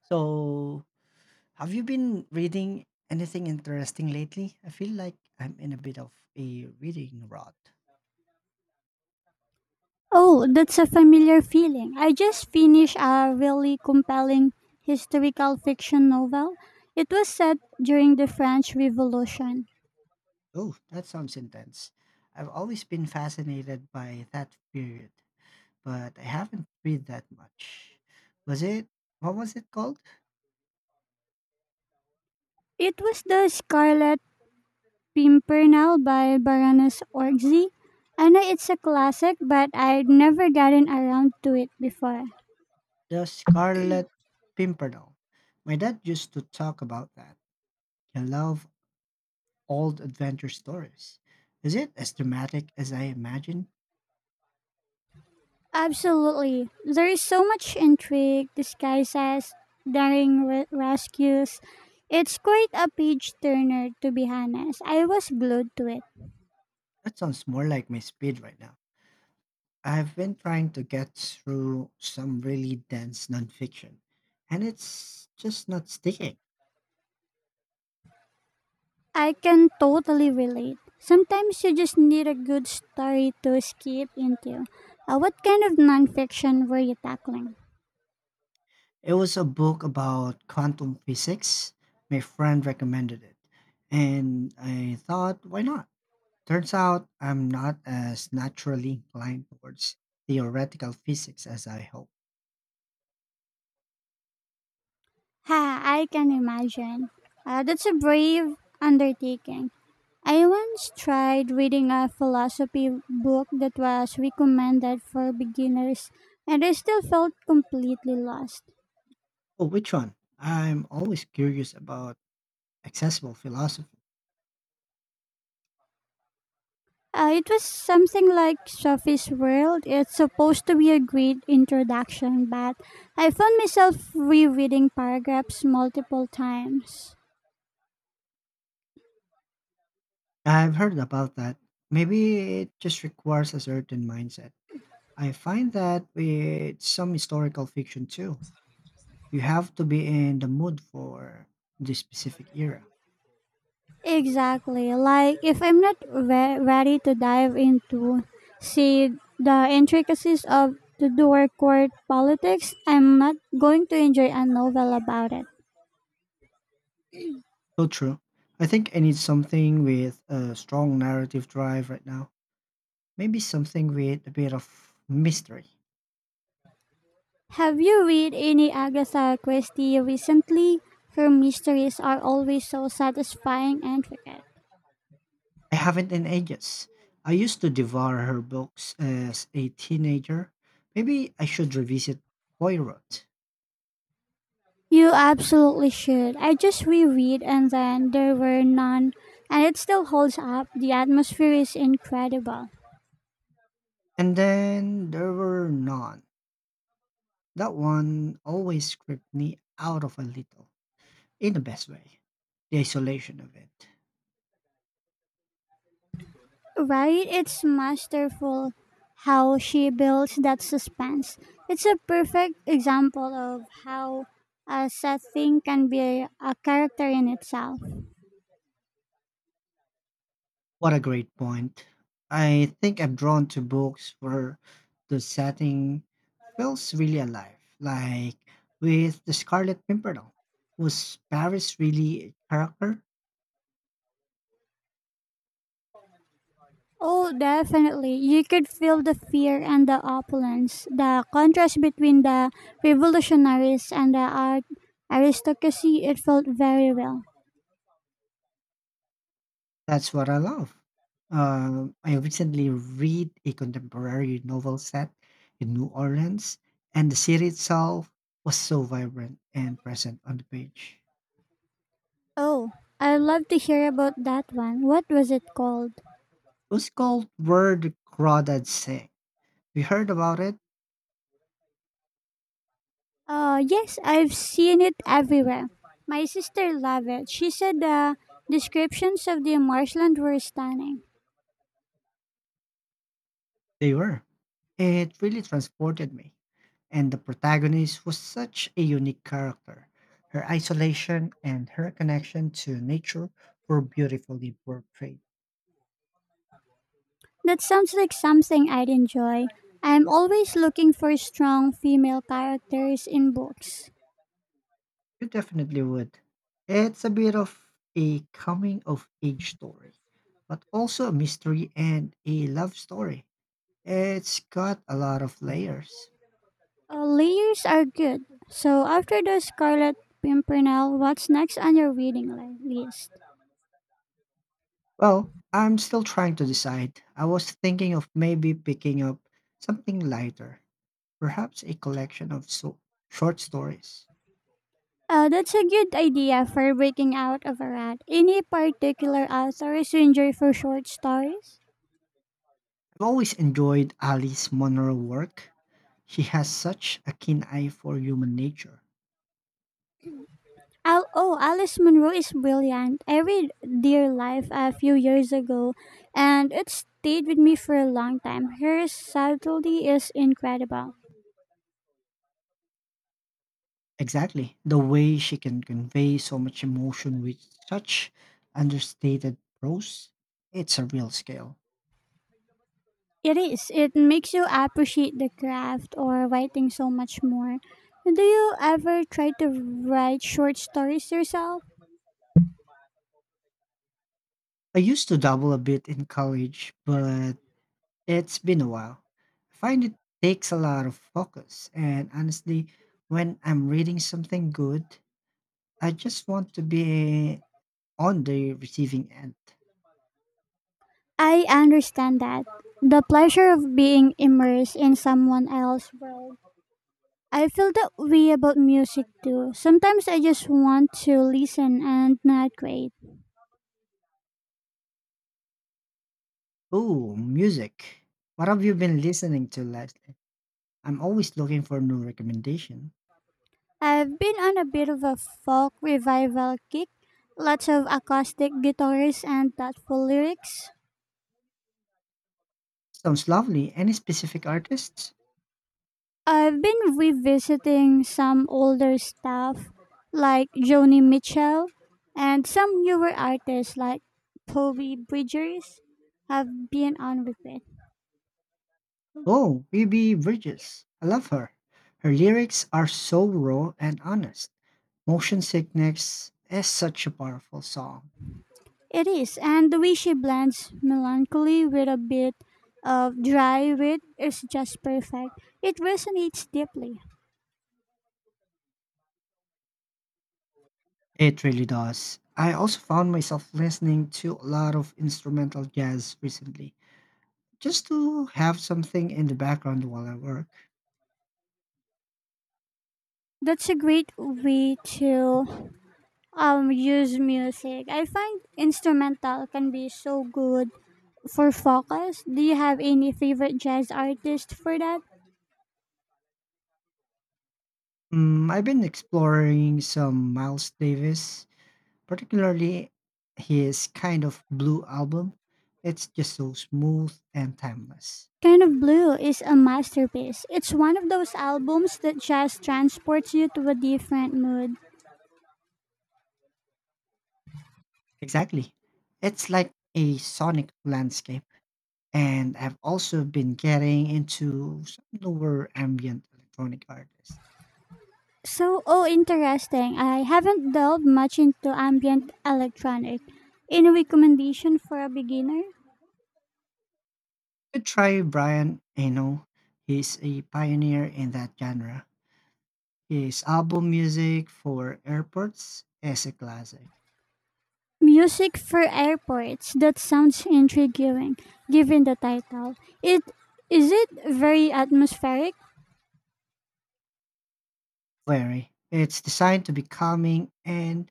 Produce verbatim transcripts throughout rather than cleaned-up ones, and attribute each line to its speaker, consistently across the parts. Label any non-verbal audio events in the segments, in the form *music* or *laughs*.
Speaker 1: So, have you been reading anything interesting lately? I feel like I'm in a bit of a reading rut.
Speaker 2: Oh, that's a familiar feeling. I just finished a really compelling historical fiction novel. It was set during the French Revolution.
Speaker 1: Oh, that sounds intense. I've always been fascinated by that period, but I haven't read that much. Was it, what was it called?
Speaker 2: It was The Scarlet Pimpernel by Baroness Orgzi. I know it's a classic, but I'd never gotten around to it before.
Speaker 1: The Scarlet Pimpernel. My dad used to talk about that. I love old adventure stories. Is it as dramatic as I imagine?
Speaker 2: Absolutely. There is so much intrigue, disguises, daring re- rescues. It's quite a page turner, to be honest. I was glued to it.
Speaker 1: That sounds more like my speed right now. I've been trying to get through some really dense nonfiction, and it's just not sticking.
Speaker 2: I can totally relate. Sometimes you just need a good story to escape into. Uh, what kind of nonfiction were you tackling?
Speaker 1: It was a book about quantum physics. My friend recommended it, and I thought, why not? Turns out I'm not as naturally inclined towards theoretical physics as I hoped.
Speaker 2: Ha, I can imagine. Uh, that's a brave undertaking. I once tried reading a philosophy book that was recommended for beginners, and I still felt completely lost.
Speaker 1: Oh, which one? I'm always curious about accessible philosophy.
Speaker 2: Uh, it was something like Sophie's World. It's supposed to be a great introduction, but I found myself rereading paragraphs multiple times.
Speaker 1: I've heard about that. Maybe it just requires a certain mindset. I find that with some historical fiction too, you have to be in the mood for the specific era.
Speaker 2: Exactly. Like, if I'm not re- ready to dive into, see, the intricacies of the Tudor court politics, I'm not going to enjoy a novel about it.
Speaker 1: So true. I think I need something with a strong narrative drive right now. Maybe something with a bit of mystery.
Speaker 2: Have you read any Agatha Christie recently? Her mysteries are always so satisfying and intricate.
Speaker 1: I haven't in ages. I used to devour her books as a teenager. Maybe I should revisit Poirot.
Speaker 2: You absolutely should. I just reread And Then There Were None, and it still holds up. The atmosphere is incredible.
Speaker 1: And then there were none. That one always creeped me out of a little. In the best way. The isolation of it.
Speaker 2: Right? It's masterful how she builds that suspense. It's a perfect example of how a set thing can be a character in itself.
Speaker 1: What a great point. I think I'm drawn to books where the setting feels really alive, like with The Scarlet Pimpernel. Was Paris really a character?
Speaker 2: Oh, definitely. You could feel the fear and the opulence, the contrast between the revolutionaries and the art aristocracy. It felt very real.
Speaker 1: That's what I love. Um, I recently read a contemporary novel set in New Orleans, and the city itself was so vibrant and present on the page.
Speaker 2: Oh, I'd love to hear about that one. What was it called?
Speaker 1: It was called Where the Crawdads Sing. We heard about it.
Speaker 2: Uh, yes, I've seen it everywhere. My sister loved it. She said the descriptions of the marshland were stunning.
Speaker 1: They were. It really transported me. And the protagonist was such a unique character. Her isolation and her connection to nature were beautifully portrayed.
Speaker 2: That sounds like something I'd enjoy. I'm always looking for strong female characters in books.
Speaker 1: You definitely would. It's a bit of a coming of age story, but also a mystery and a love story. It's got a lot of layers.
Speaker 2: Uh, layers are good. So after the Scarlet Pimpernel, what's next on your reading li- list?
Speaker 1: Well, I'm still trying to decide. I was thinking of maybe picking up something lighter. Perhaps a collection of so- short stories.
Speaker 2: Uh, that's a good idea for breaking out of a rut. Any particular authors you enjoy for short stories?
Speaker 1: I've always enjoyed Alice Munro's work. She has such a keen eye for human nature.
Speaker 2: Al- oh, Alice Munro is brilliant. I read Dear Life a few years ago, and it stayed with me for a long time. Her subtlety is incredible.
Speaker 1: Exactly. The way she can convey so much emotion with such understated prose, it's a real skill.
Speaker 2: It is. It makes you appreciate the craft or writing so much more. Do you ever try to write short stories yourself?
Speaker 1: I used to dabble a bit in college, but it's been a while. I find it takes a lot of focus, and honestly, when I'm reading something good, I just want to be on the receiving end.
Speaker 2: I understand that. The pleasure of being immersed in someone else's world. I feel that way about music too. Sometimes I just want to listen and not wait.
Speaker 1: Oh, music. What have you been listening to lately? I'm always looking for new recommendation.
Speaker 2: I've been on a bit of a folk revival kick, lots of acoustic guitars and thoughtful lyrics.
Speaker 1: Sounds lovely. Any specific artists?
Speaker 2: I've been revisiting some older stuff like Joni Mitchell, and some newer artists like Toby Bridgers have been on repeat.
Speaker 1: Oh, Phoebe Bridges. I love her. Her lyrics are so raw and honest. Motion Sickness is such a powerful song.
Speaker 2: It is, and the way she blends melancholy with a bit of dry wit is just perfect. It resonates deeply.
Speaker 1: It really does. I also found myself listening to a lot of instrumental jazz recently, just to have something in the background while I work.
Speaker 2: That's a great way to um, use music. I find instrumental can be so good for focus. Do you have any favorite jazz artist for that?
Speaker 1: Mm, I've been exploring some Miles Davis, particularly his kind of blue album. It's just so smooth and timeless.
Speaker 2: Kind of Blue is a masterpiece. It's one of those albums that just transports you to a different mood.
Speaker 1: Exactly. It's like a sonic landscape. And I've also been getting into some newer ambient electronic artists.
Speaker 2: So, oh, interesting. I haven't delved much into ambient electronic. Any recommendation for a beginner?
Speaker 1: Could try Brian Eno. He's a pioneer in that genre. His album music for airports is a classic.
Speaker 2: Music for airports. That sounds intriguing, given the title. It is it very atmospheric?
Speaker 1: Very. It's designed to be calming and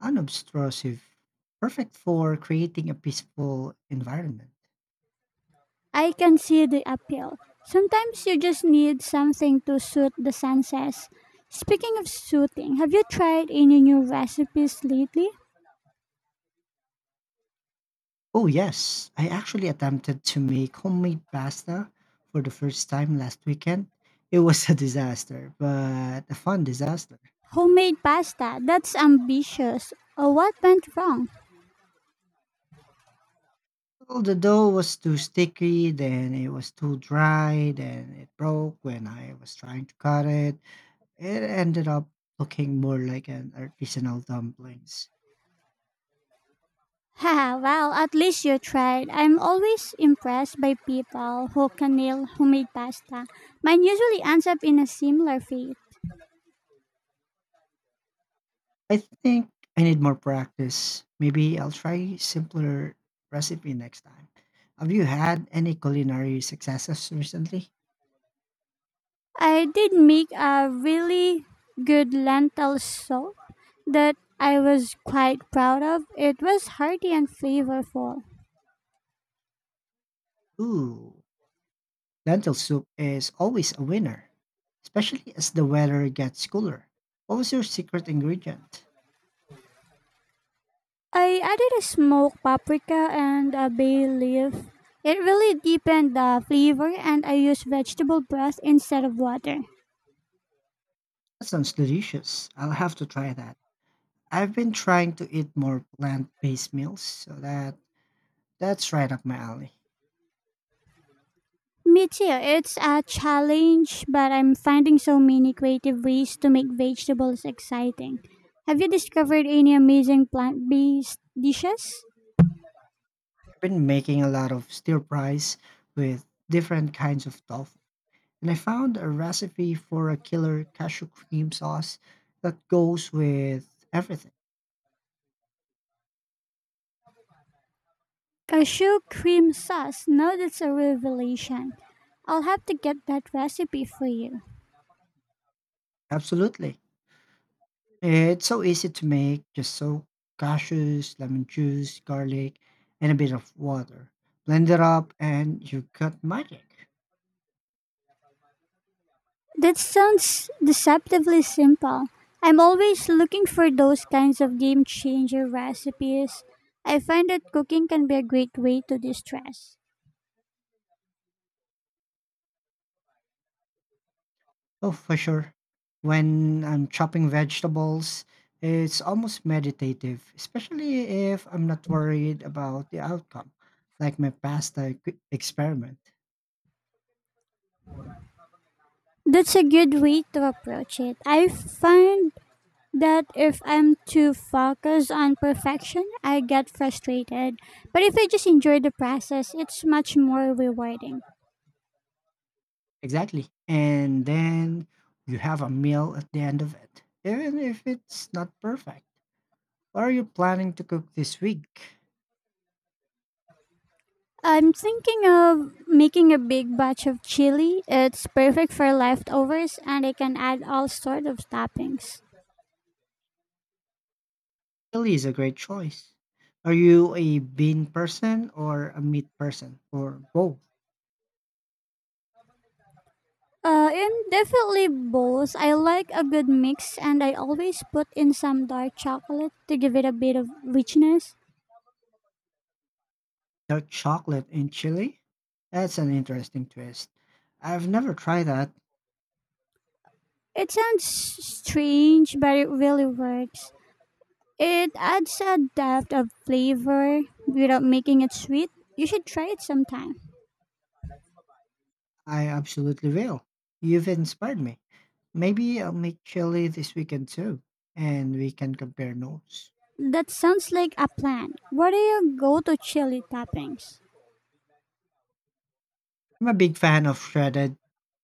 Speaker 1: unobtrusive, perfect for creating a peaceful environment.
Speaker 2: I can see the appeal. Sometimes you just need something to suit the senses. Speaking of soothing, have you tried any new recipes lately?
Speaker 1: Oh yes, I actually attempted to make homemade pasta for the first time last weekend. It was a disaster, but a fun disaster.
Speaker 2: Homemade pasta. That's ambitious. Oh, what went wrong?
Speaker 1: Well, the dough was too sticky, then it was too dry, then it broke when I was trying to cut it. It ended up looking more like an artisanal dumplings.
Speaker 2: *laughs* Haha, well, at least you tried. I'm always impressed by people who can nail homemade pasta. Mine usually ends up in a similar fate.
Speaker 1: I think I need more practice. Maybe I'll try simpler recipe next time. Have you had any culinary successes recently?
Speaker 2: I did make a really good lentil soup that I was quite proud of. It was hearty and flavorful.
Speaker 1: Ooh, lentil soup is always a winner, especially as the weather gets cooler. What was your secret ingredient?
Speaker 2: I added a smoked paprika and a bay leaf. It really deepened the flavor, and I used vegetable broth instead of water.
Speaker 1: That sounds delicious. I'll have to try that. I've been trying to eat more plant-based meals, so that that's right up my alley.
Speaker 2: Me too. It's a challenge, but I'm finding so many creative ways to make vegetables exciting. Have you discovered any amazing plant based dishes?
Speaker 1: I've been making a lot of stir fries with different kinds of tofu, and I found a recipe for a killer cashew cream sauce that goes with everything.
Speaker 2: Cashew cream sauce. Now that's a revelation. I'll have to get that recipe for you.
Speaker 1: Absolutely. It's so easy to make, just soak cashews, lemon juice, garlic, and a bit of water. Blend it up and you've got magic.
Speaker 2: That sounds deceptively simple. I'm always looking for those kinds of game changer recipes. I find that cooking can be a great way to distress.
Speaker 1: Oh, for sure. When I'm chopping vegetables, it's almost meditative, especially if I'm not worried about the outcome, like my pasta ex- experiment.
Speaker 2: That's a good way to approach it. I find that if I'm too focused on perfection, I get frustrated. But if I just enjoy the process, it's much more rewarding.
Speaker 1: Exactly. And then you have a meal at the end of it, even if it's not perfect. What are you planning to cook this week?
Speaker 2: I'm thinking of making a big batch of chili. It's perfect for leftovers and I can add all sorts of toppings.
Speaker 1: Chili is a great choice. Are you a bean person or a meat person or both?
Speaker 2: Uh, and definitely both. I like a good mix and I always put in some dark chocolate to give it a bit of richness.
Speaker 1: Dark chocolate and chili? That's an interesting twist. I've never tried that.
Speaker 2: It sounds strange, but it really works. It adds a depth of flavor without making it sweet. You should try it sometime.
Speaker 1: I absolutely will. You've inspired me. Maybe I'll make chili this weekend too, and we can compare notes.
Speaker 2: That sounds like a plan. What are your go to chili toppings?
Speaker 1: I'm a big fan of shredded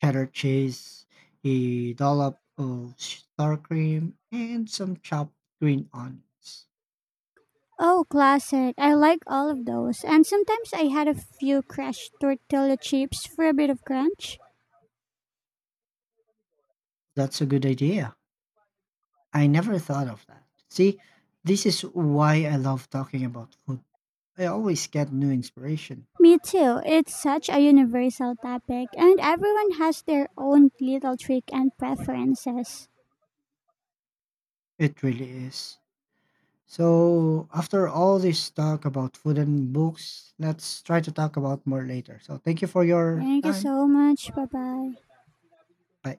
Speaker 1: cheddar cheese, a dollop of sour cream, and some chopped green onions.
Speaker 2: Oh, classic. I like all of those. And sometimes I had a few crushed tortilla chips for a bit of crunch.
Speaker 1: That's a good idea. I never thought of that. See, this is why I love talking about food. I always get new inspiration.
Speaker 2: Me too. It's such a universal topic, and everyone has their own little trick and preferences.
Speaker 1: It really is. So, after all this talk about food and books, let's try to talk about more later. So, thank you for your
Speaker 2: Thank you
Speaker 1: time.
Speaker 2: so much. Bye bye.
Speaker 1: Bye.